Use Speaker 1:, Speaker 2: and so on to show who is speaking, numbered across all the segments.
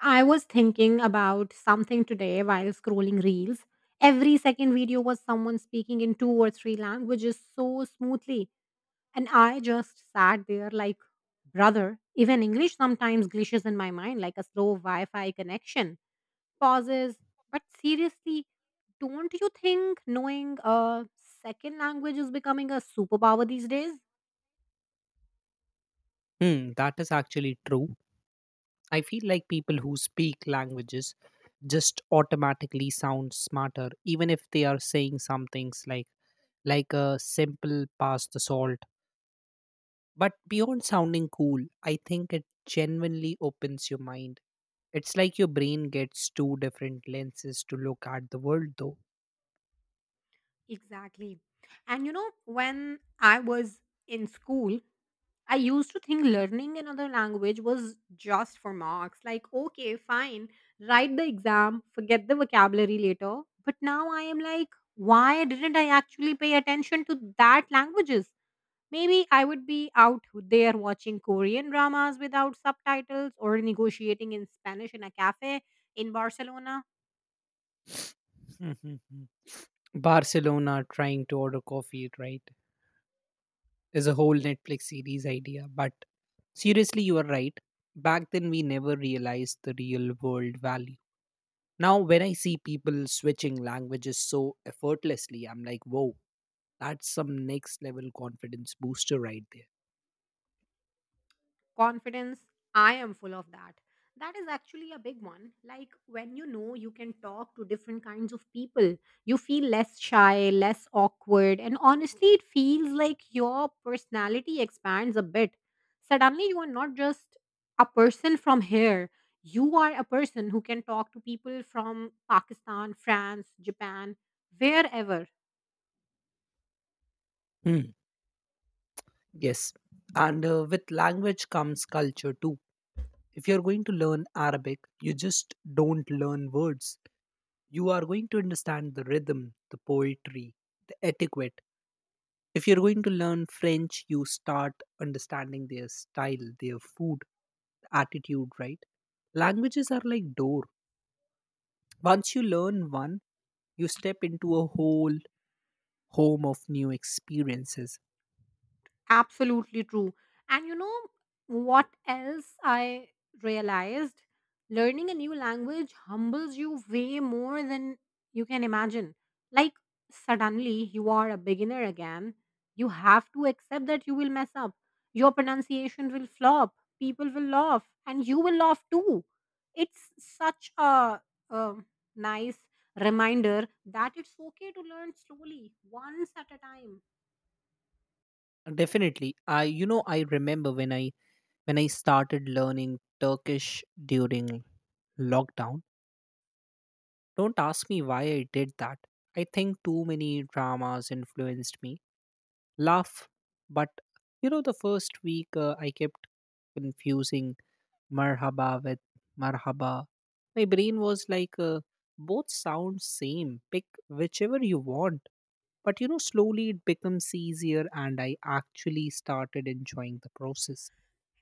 Speaker 1: I was thinking about something today while scrolling reels. Every second video was someone speaking in two or three languages so smoothly. And I just sat there like, brother, even English sometimes glitches in my mind like a slow Wi Fi connection. Pauses. But seriously, don't you think knowing a second language is becoming a superpower these days?
Speaker 2: Hmm, that is actually true. I feel like people who speak languages just automatically sound smarter, even if they are saying some things like a simple pass the salt. But beyond sounding cool, I think it genuinely opens your mind. It's like your brain gets two different lenses to look at the world, though.
Speaker 1: Exactly. And you know, when I was in school, I used to think learning another language was just for marks. Like, okay, fine, write the exam, forget the vocabulary later. But now I am like, why didn't I actually pay attention to that languages? Maybe I would be out there watching Korean dramas without subtitles or negotiating in Spanish in a cafe in Barcelona.
Speaker 2: Barcelona trying to order coffee, right? Is a whole Netflix series idea. But seriously, you are right. Back then, we never realized the real world value. Now, when I see people switching languages so effortlessly, I'm like, whoa, that's some next level confidence booster right there.
Speaker 1: Confidence. I am full of that. That is actually a big one. Like, when you know you can talk to different kinds of people, you feel less shy, less awkward, and honestly it feels like your personality expands a bit. Suddenly you are not just a person from here, you are a person who can talk to people from Pakistan, France, Japan, wherever.
Speaker 2: Hmm. Yes. And with language comes culture too. If you're going to learn Arabic, you just don't learn words. You are going to understand the rhythm, the poetry, the etiquette. If you're going to learn French, you start understanding their style, their food, attitude, right? Languages are like door. Once you learn one, you step into a whole home of new experiences.
Speaker 1: Absolutely true. And you know what else I realized? Learning a new language humbles you way more than you can imagine. Like, suddenly you are a beginner again. You have to accept that you will mess up. Your pronunciation will flop. People will laugh, and you will laugh too. It's such a, um nice reminder that it's okay to learn slowly, once at a time.
Speaker 2: Definitely. I you know I remember when I started learning Turkish during lockdown. Don't ask me why I did that. I think too many dramas influenced me laugh. But you know, the first week I kept confusing marhaba with marhaba. My brain was like, both sound same. Pick whichever you want. But you know, slowly it becomes easier, and I actually started enjoying the process.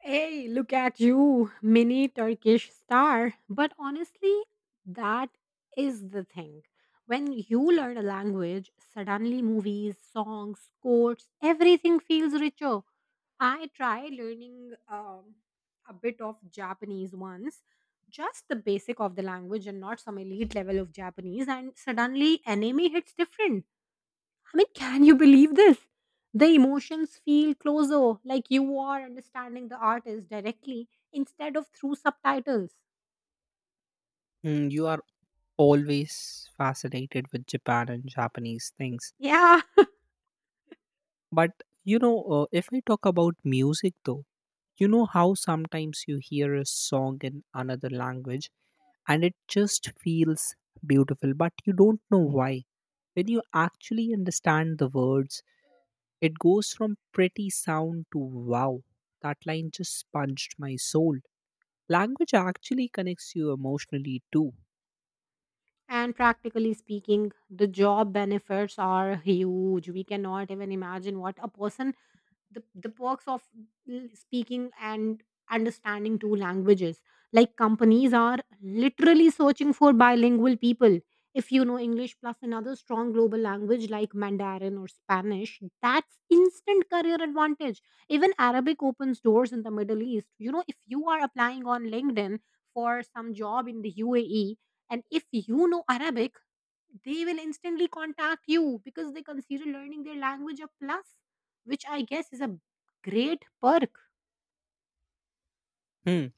Speaker 1: Hey, look at you, mini Turkish star. But honestly, that is the thing. When you learn a language, suddenly movies, songs, quotes, everything feels richer. I tried learning a bit of Japanese once, just the basic of the language and not some elite level of Japanese, and suddenly anime hits different. I mean, can you believe this? The emotions feel closer, like you are understanding the artist directly instead of through subtitles.
Speaker 2: Mm, you are always fascinated with Japan and Japanese things.
Speaker 1: Yeah.
Speaker 2: But you know, if I talk about music though, you know how sometimes you hear a song in another language and it just feels beautiful but you don't know why. When you actually understand the words, it goes from pretty sound to wow, that line just punched my soul. Language actually connects you emotionally too.
Speaker 1: And practically speaking, the job benefits are huge. We cannot even imagine what a person the perks of speaking and understanding two languages. Like, companies are literally searching for bilingual people. If you know English plus another strong global language like Mandarin or Spanish, that's instant career advantage. Even Arabic opens doors in the Middle East. You know, if you are applying on LinkedIn for some job in the UAE, and if you know Arabic, they will instantly contact you because they consider learning their language a plus, which I guess is a great perk.
Speaker 2: Hmm,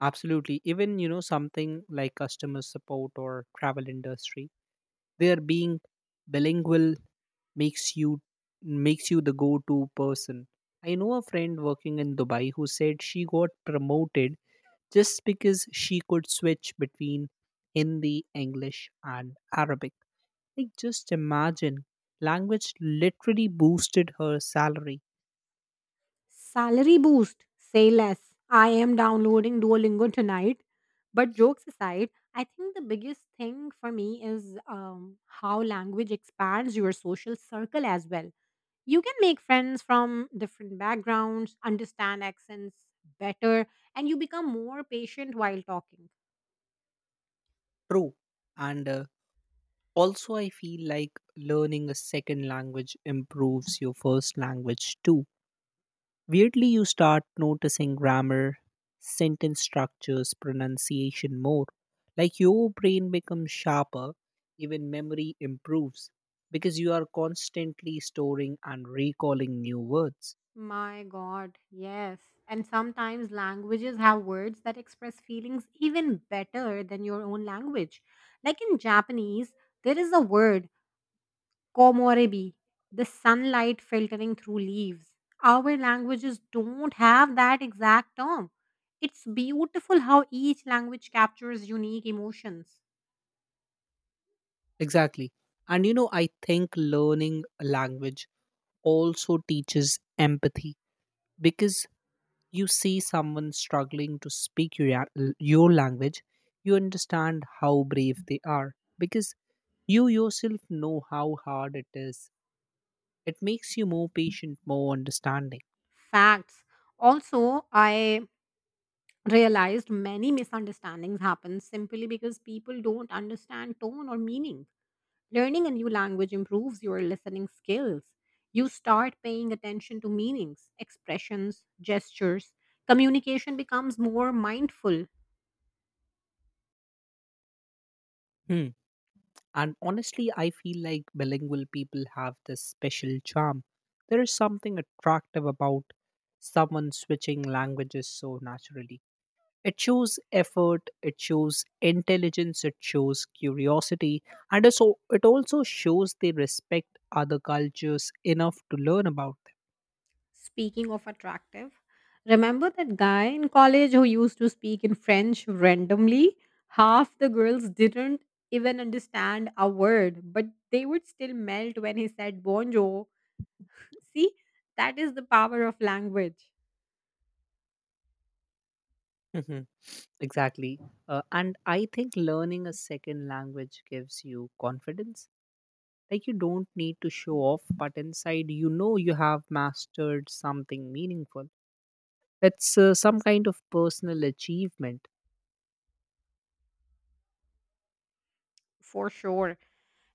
Speaker 2: absolutely. Even you know something like customer support or travel industry, they're being bilingual makes you makes you the go-to person. I know a friend working in Dubai who said she got promoted just because she could switch between Hindi, English, and Arabic. Like, just imagine, language literally boosted her salary.
Speaker 1: Salary boost, say less. I am downloading Duolingo tonight. But jokes aside, I think the biggest thing for me is how language expands your social circle as well. You can make friends from different backgrounds, understand accents better, and you become more patient while talking.
Speaker 2: True. And also, I feel like learning a second language improves your first language too. Weirdly, you start noticing grammar, sentence structures, pronunciation more. Like your brain becomes sharper, even memory improves because you are constantly storing and recalling new words.
Speaker 1: My God, yes. And sometimes languages have words that express feelings even better than your own language. Like in Japanese, there is a word, komorebi, the sunlight filtering through leaves. Our languages don't have that exact term. It's beautiful how each language captures unique emotions.
Speaker 2: Exactly. And you know, I think learning a language also teaches empathy because you see someone struggling to speak your, your language, you understand how brave they are because you yourself know how hard it is. It makes you more patient, more understanding.
Speaker 1: Facts. Also, I realized many misunderstandings happen simply because people don't understand tone or meaning. Learning a new language improves your listening skills. You start paying attention to meanings, expressions, gestures. Communication becomes more mindful.
Speaker 2: Hmm. And honestly, I feel like bilingual people have this special charm. There is something attractive about someone switching languages so naturally. It shows effort, it shows intelligence, it shows curiosity, and it also shows they respect other cultures enough to learn about them.
Speaker 1: Speaking of attractive, remember that guy in college who used to speak in French randomly? Half the girls didn't even understand a word, but they would still melt when he said bonjour. See, that is the power of language.
Speaker 2: Mhm. Exactly. And I think learning a second language gives you confidence. Like you don't need to show off, but inside you know you have mastered something meaningful. It's some kind of personal achievement.
Speaker 1: For sure.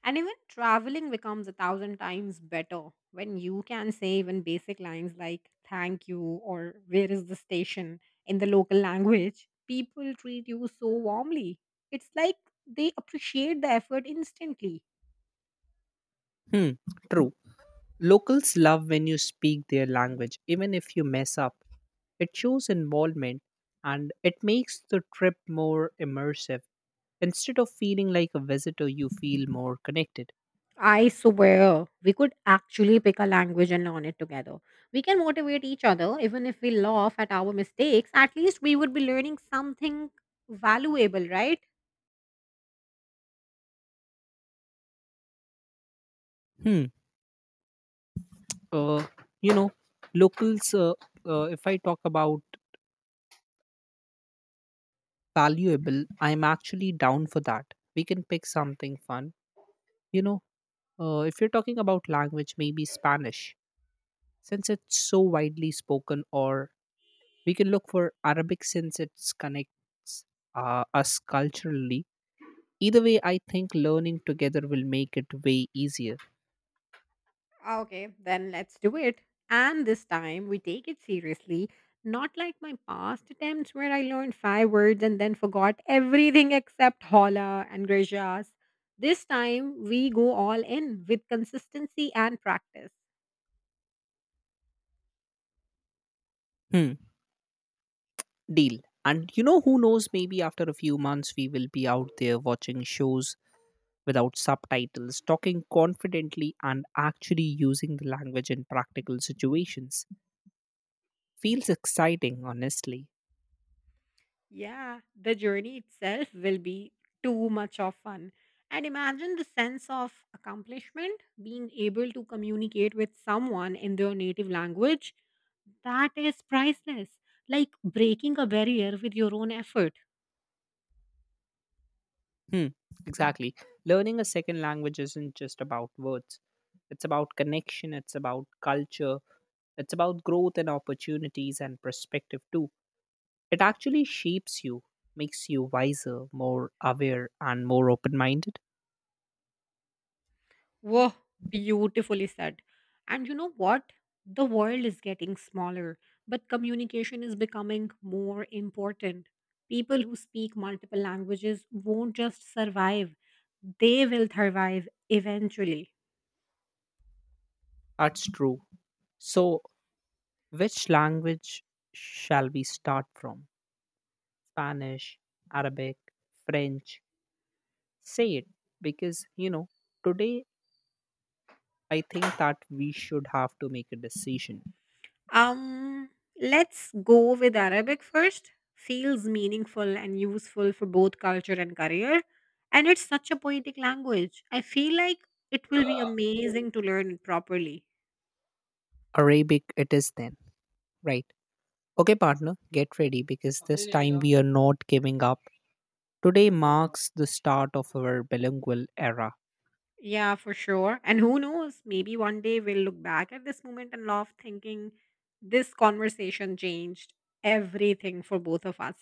Speaker 1: And even traveling becomes a thousand times better when you can say even basic lines like thank you or where is the station in the local language. People treat you so warmly. It's like they appreciate the effort instantly.
Speaker 2: Hmm. True. Locals love when you speak their language, even if you mess up. It shows involvement and it makes the trip more immersive. Instead of feeling like a visitor, you feel more connected.
Speaker 1: I swear, we could actually pick a language and learn it together. We can motivate each other, even if we laugh at our mistakes, at least we would be learning something valuable, right?
Speaker 2: Hmm. Uh, you know, locals, uh, if I talk about valuable, I'm actually down for that. We can pick something fun. You know, if you're talking about language, maybe Spanish, since it's so widely spoken, or we can look for Arabic since it connects, us culturally. Either way, I think learning together will make it way easier.
Speaker 1: Ah, okay, then let's do it. And this time we take it seriously, not like my past attempts where I learned five words and then forgot everything except hola and gracias. This time we go all in with consistency and practice.
Speaker 2: Hmm. Deal. And you know, who knows, maybe after a few months, we will be out there watching shows without subtitles, talking confidently, and actually using the language in practical situations. Feels exciting, honestly.
Speaker 1: Yeah, the journey itself will be too much of fun. And imagine the sense of accomplishment being able to communicate with someone in their native language. That is priceless, like breaking a barrier with your own effort.
Speaker 2: Hmm. Exactly. Learning a second language isn't just about words, it's about connection, it's about culture, it's about growth and opportunities and perspective too. It actually shapes you, makes you wiser, more aware, and more open minded.
Speaker 1: Whoa, beautifully said. And you know what? The world is getting smaller, but communication is becoming more important. People who speak multiple languages won't just survive, they will thrive eventually.
Speaker 2: That's true. So, which language shall we start from? Spanish, Arabic, French? Say it because, you know, today I think that we should have to make a decision.
Speaker 1: Um, let's go with Arabic first. Feels meaningful and useful for both culture and career. And it's such a poetic language. I feel like it will be amazing to learn it properly.
Speaker 2: Arabic, it is then, right? Okay, partner, get ready because this time we are not giving up. Today marks the start of our bilingual era.
Speaker 1: Yeah, for sure. And who knows, maybe one day we'll look back at this moment and laugh, thinking this conversation changed everything for both of us.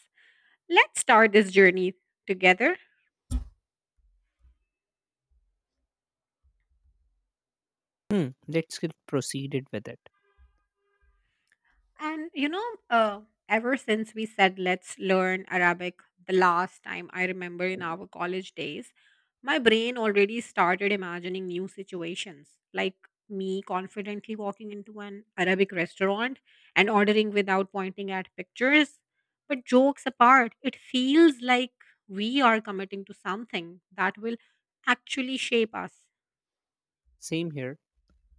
Speaker 1: Let's start this journey together.
Speaker 2: Hmm, let's get proceeded with it.
Speaker 1: And you know, ever since we said let's learn Arabic the last time I remember in our college days, my brain already started imagining new situations, like me confidently walking into an Arabic restaurant and ordering without pointing at pictures. But jokes apart, it feels like we are committing to something that will actually shape us.
Speaker 2: Same here.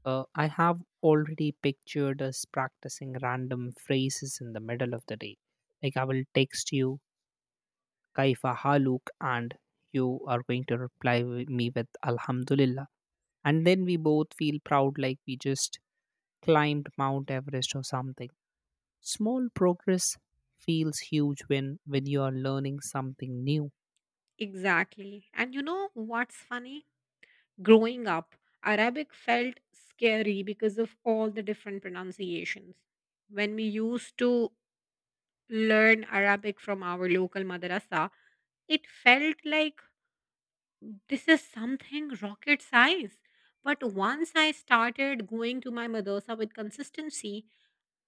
Speaker 2: I have already pictured us practicing random phrases in the middle of the day. Like I will text you Kaifa Haluk and you are going to reply with me with Alhamdulillah. And then we both feel proud like we just climbed Mount Everest or something. Small progress feels huge when you are learning something new.
Speaker 1: Exactly. And you know what's funny? Growing up, Arabic felt scary because of all the different pronunciations. When we used to learn Arabic from our local madrasa, it felt like this is something rocket science. But once I started going to my madrasa with consistency,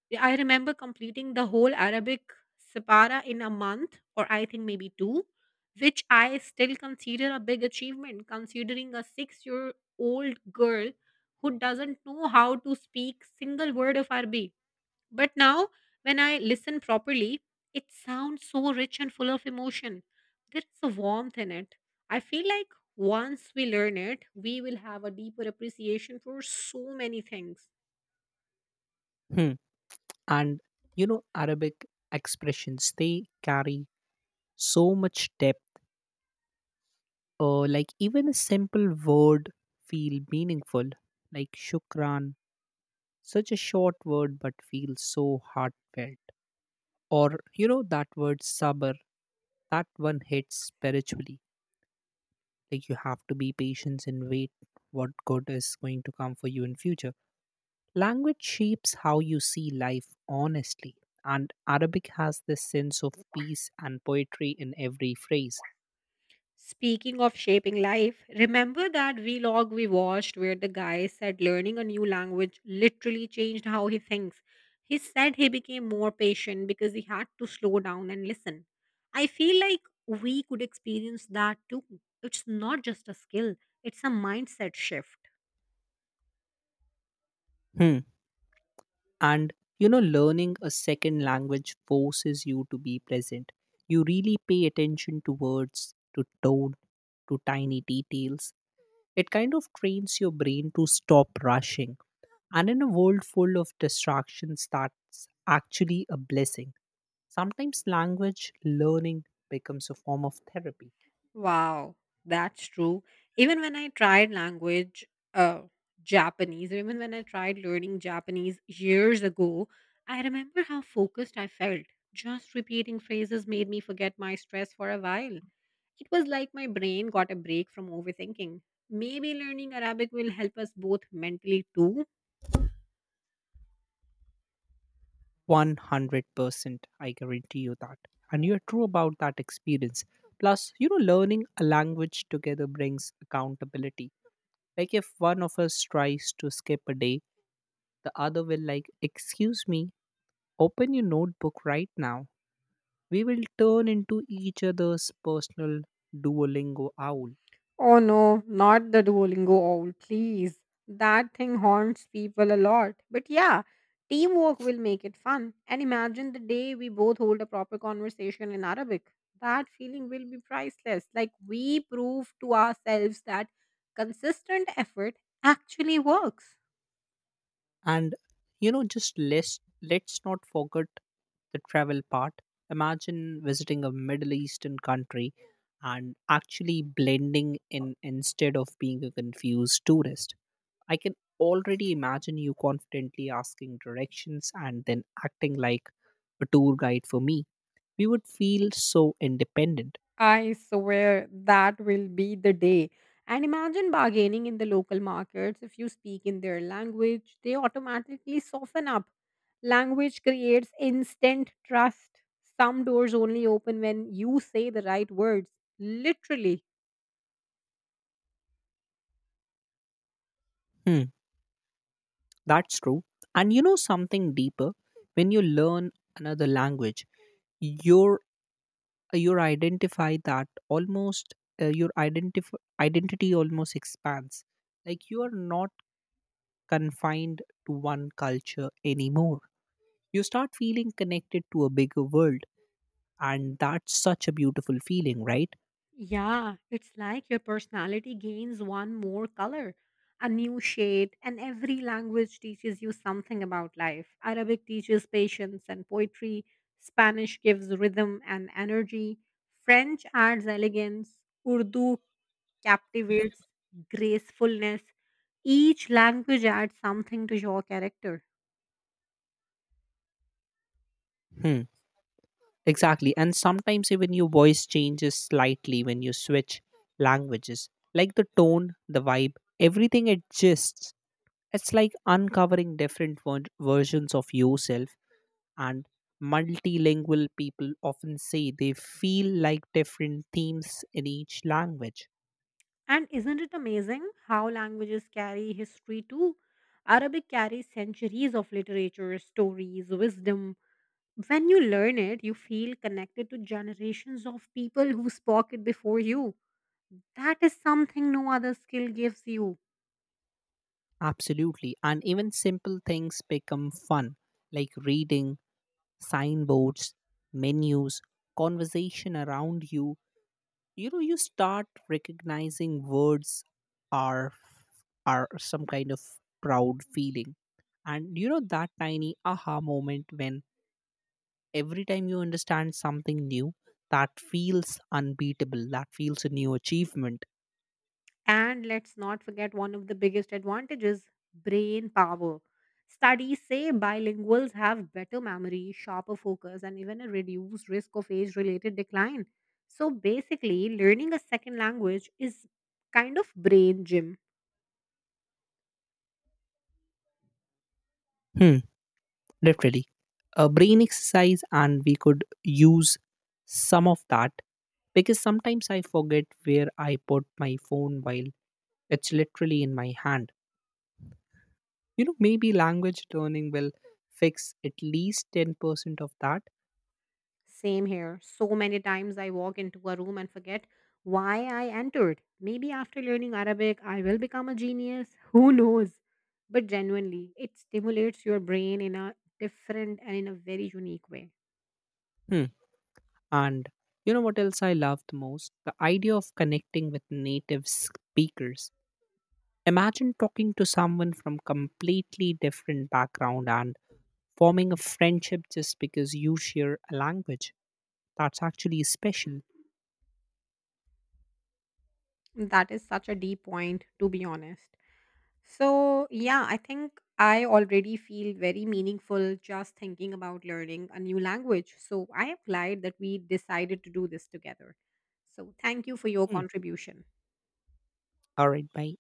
Speaker 1: yeah, I remember completing the whole Arabic Separa in a month, or I think maybe two, which I still consider a big achievement, considering a 6-year-old girl who doesn't know how to speak single word of Arabic. But now, when I listen properly, it sounds so rich and full of emotion. There is a warmth in it. I feel like once we learn it, we will have a deeper appreciation for so many things.
Speaker 2: Hmm. And you know, Arabic expressions, they carry so much depth. Like even a simple word feel meaningful, like shukran, such a short word but feels so heartfelt. Or you know that word sabr, that one hits spiritually. Like you have to be patient and wait what good is going to come for you in future. Language shapes how you see life honestly, and Arabic has this sense of peace and poetry in every phrase.
Speaker 1: Speaking of shaping life, remember that vlog we watched where the guy said learning a new language literally changed how he thinks? He said he became more patient because he had to slow down and listen. I feel like we could experience that too. It's not just a skill, it's a mindset shift.
Speaker 2: Hmm. And you know, learning a second language forces you to be present. You really pay attention to words, to tone, to tiny details. It kind of trains your brain to stop rushing. And in a world full of distractions, that's actually a blessing. Sometimes language learning becomes a form of therapy.
Speaker 1: Wow, that's true. Even when I tried language, uh, Japanese, or even when I tried learning Japanese years ago, I remember how focused I felt. Just repeating phrases made me forget my stress for a while. It was like my brain got a break from overthinking. Maybe learning Arabic will help us both mentally too.
Speaker 2: 100%, I guarantee you that. And you're true about that experience. Plus, you know, learning a language together brings accountability. Like if one of us tries to skip a day, the other will like, excuse me, open your notebook right now. We will turn into each other's personal Duolingo owl.
Speaker 1: Oh no, not the Duolingo owl, please. That thing haunts people a lot. But yeah, teamwork will make it fun. And imagine the day we both hold a proper conversation in Arabic. That feeling will be priceless. Like, we prove to ourselves that consistent effort actually works.
Speaker 2: And you know, just let's not forget the travel part. Imagine visiting a Middle Eastern country and actually blending in instead of being a confused tourist. I can already imagine you confidently asking directions and then acting like a tour guide for me. We would feel so independent.
Speaker 1: I swear that will be the day. And imagine bargaining in the local markets. If you speak in their language, they automatically soften up. Language creates instant trust. Some doors only open when you say the right words, literally.
Speaker 2: Hmm, that's true. And you know something deeper? When you learn another language, your your identify that almost your identif- identity almost expands. Like you are not confined to one culture anymore, you start feeling connected to a bigger world, and that's such a beautiful feeling, right?
Speaker 1: Yeah, it's like your personality gains one more color, a new shade, and every language teaches you something about life. Arabic teaches patience and poetry, Spanish gives rhythm and energy, French adds elegance, Urdu captivates gracefulness. Each language adds something to your character.
Speaker 2: Hmm, exactly. And sometimes even your voice changes slightly when you switch languages, like the tone, the vibe, everything adjusts. It's like uncovering different versions of yourself. And multilingual people often say they feel like different themes in each language.
Speaker 1: And isn't it amazing how languages carry history too? Arabic carries centuries of literature, stories, wisdom. When you learn it, you feel connected to generations of people who spoke it before you. That is something no other skill gives you.
Speaker 2: Absolutely. And even simple things become fun, like reading, signboards, menus, conversation around you. You know, you start recognizing words are are some kind of proud feeling. And you know that tiny aha moment, when every time you understand something new, that feels unbeatable, that feels a new achievement.
Speaker 1: And let's not forget one of the biggest advantages, brain power. Studies say bilinguals have better memory, sharper focus, and even a reduced risk of age related decline. So basically, learning a second language is kind of brain gym.
Speaker 2: Hmm, literally a brain exercise. And we could use some of that because sometimes I forget where I put my phone while it's literally in my hand. You know, maybe language learning will fix at least 10% of that.
Speaker 1: Same here. So many times I walk into a room and forget why I entered. Maybe after learning Arabic, I will become a genius. Who knows? But genuinely, it stimulates your brain in a different and in a very unique way.
Speaker 2: Hmm. And you know what else I love the most, the idea of connecting with native speakers. Imagine talking to someone from completely different background and forming a friendship just because you share a language. That's actually special.
Speaker 1: That is such a deep point, to be honest. So, yeah, I think I already feel very meaningful just thinking about learning a new language. So, I am glad that we decided to do this together. So, thank you for your
Speaker 2: Mm.
Speaker 1: contribution.
Speaker 2: All right, bye.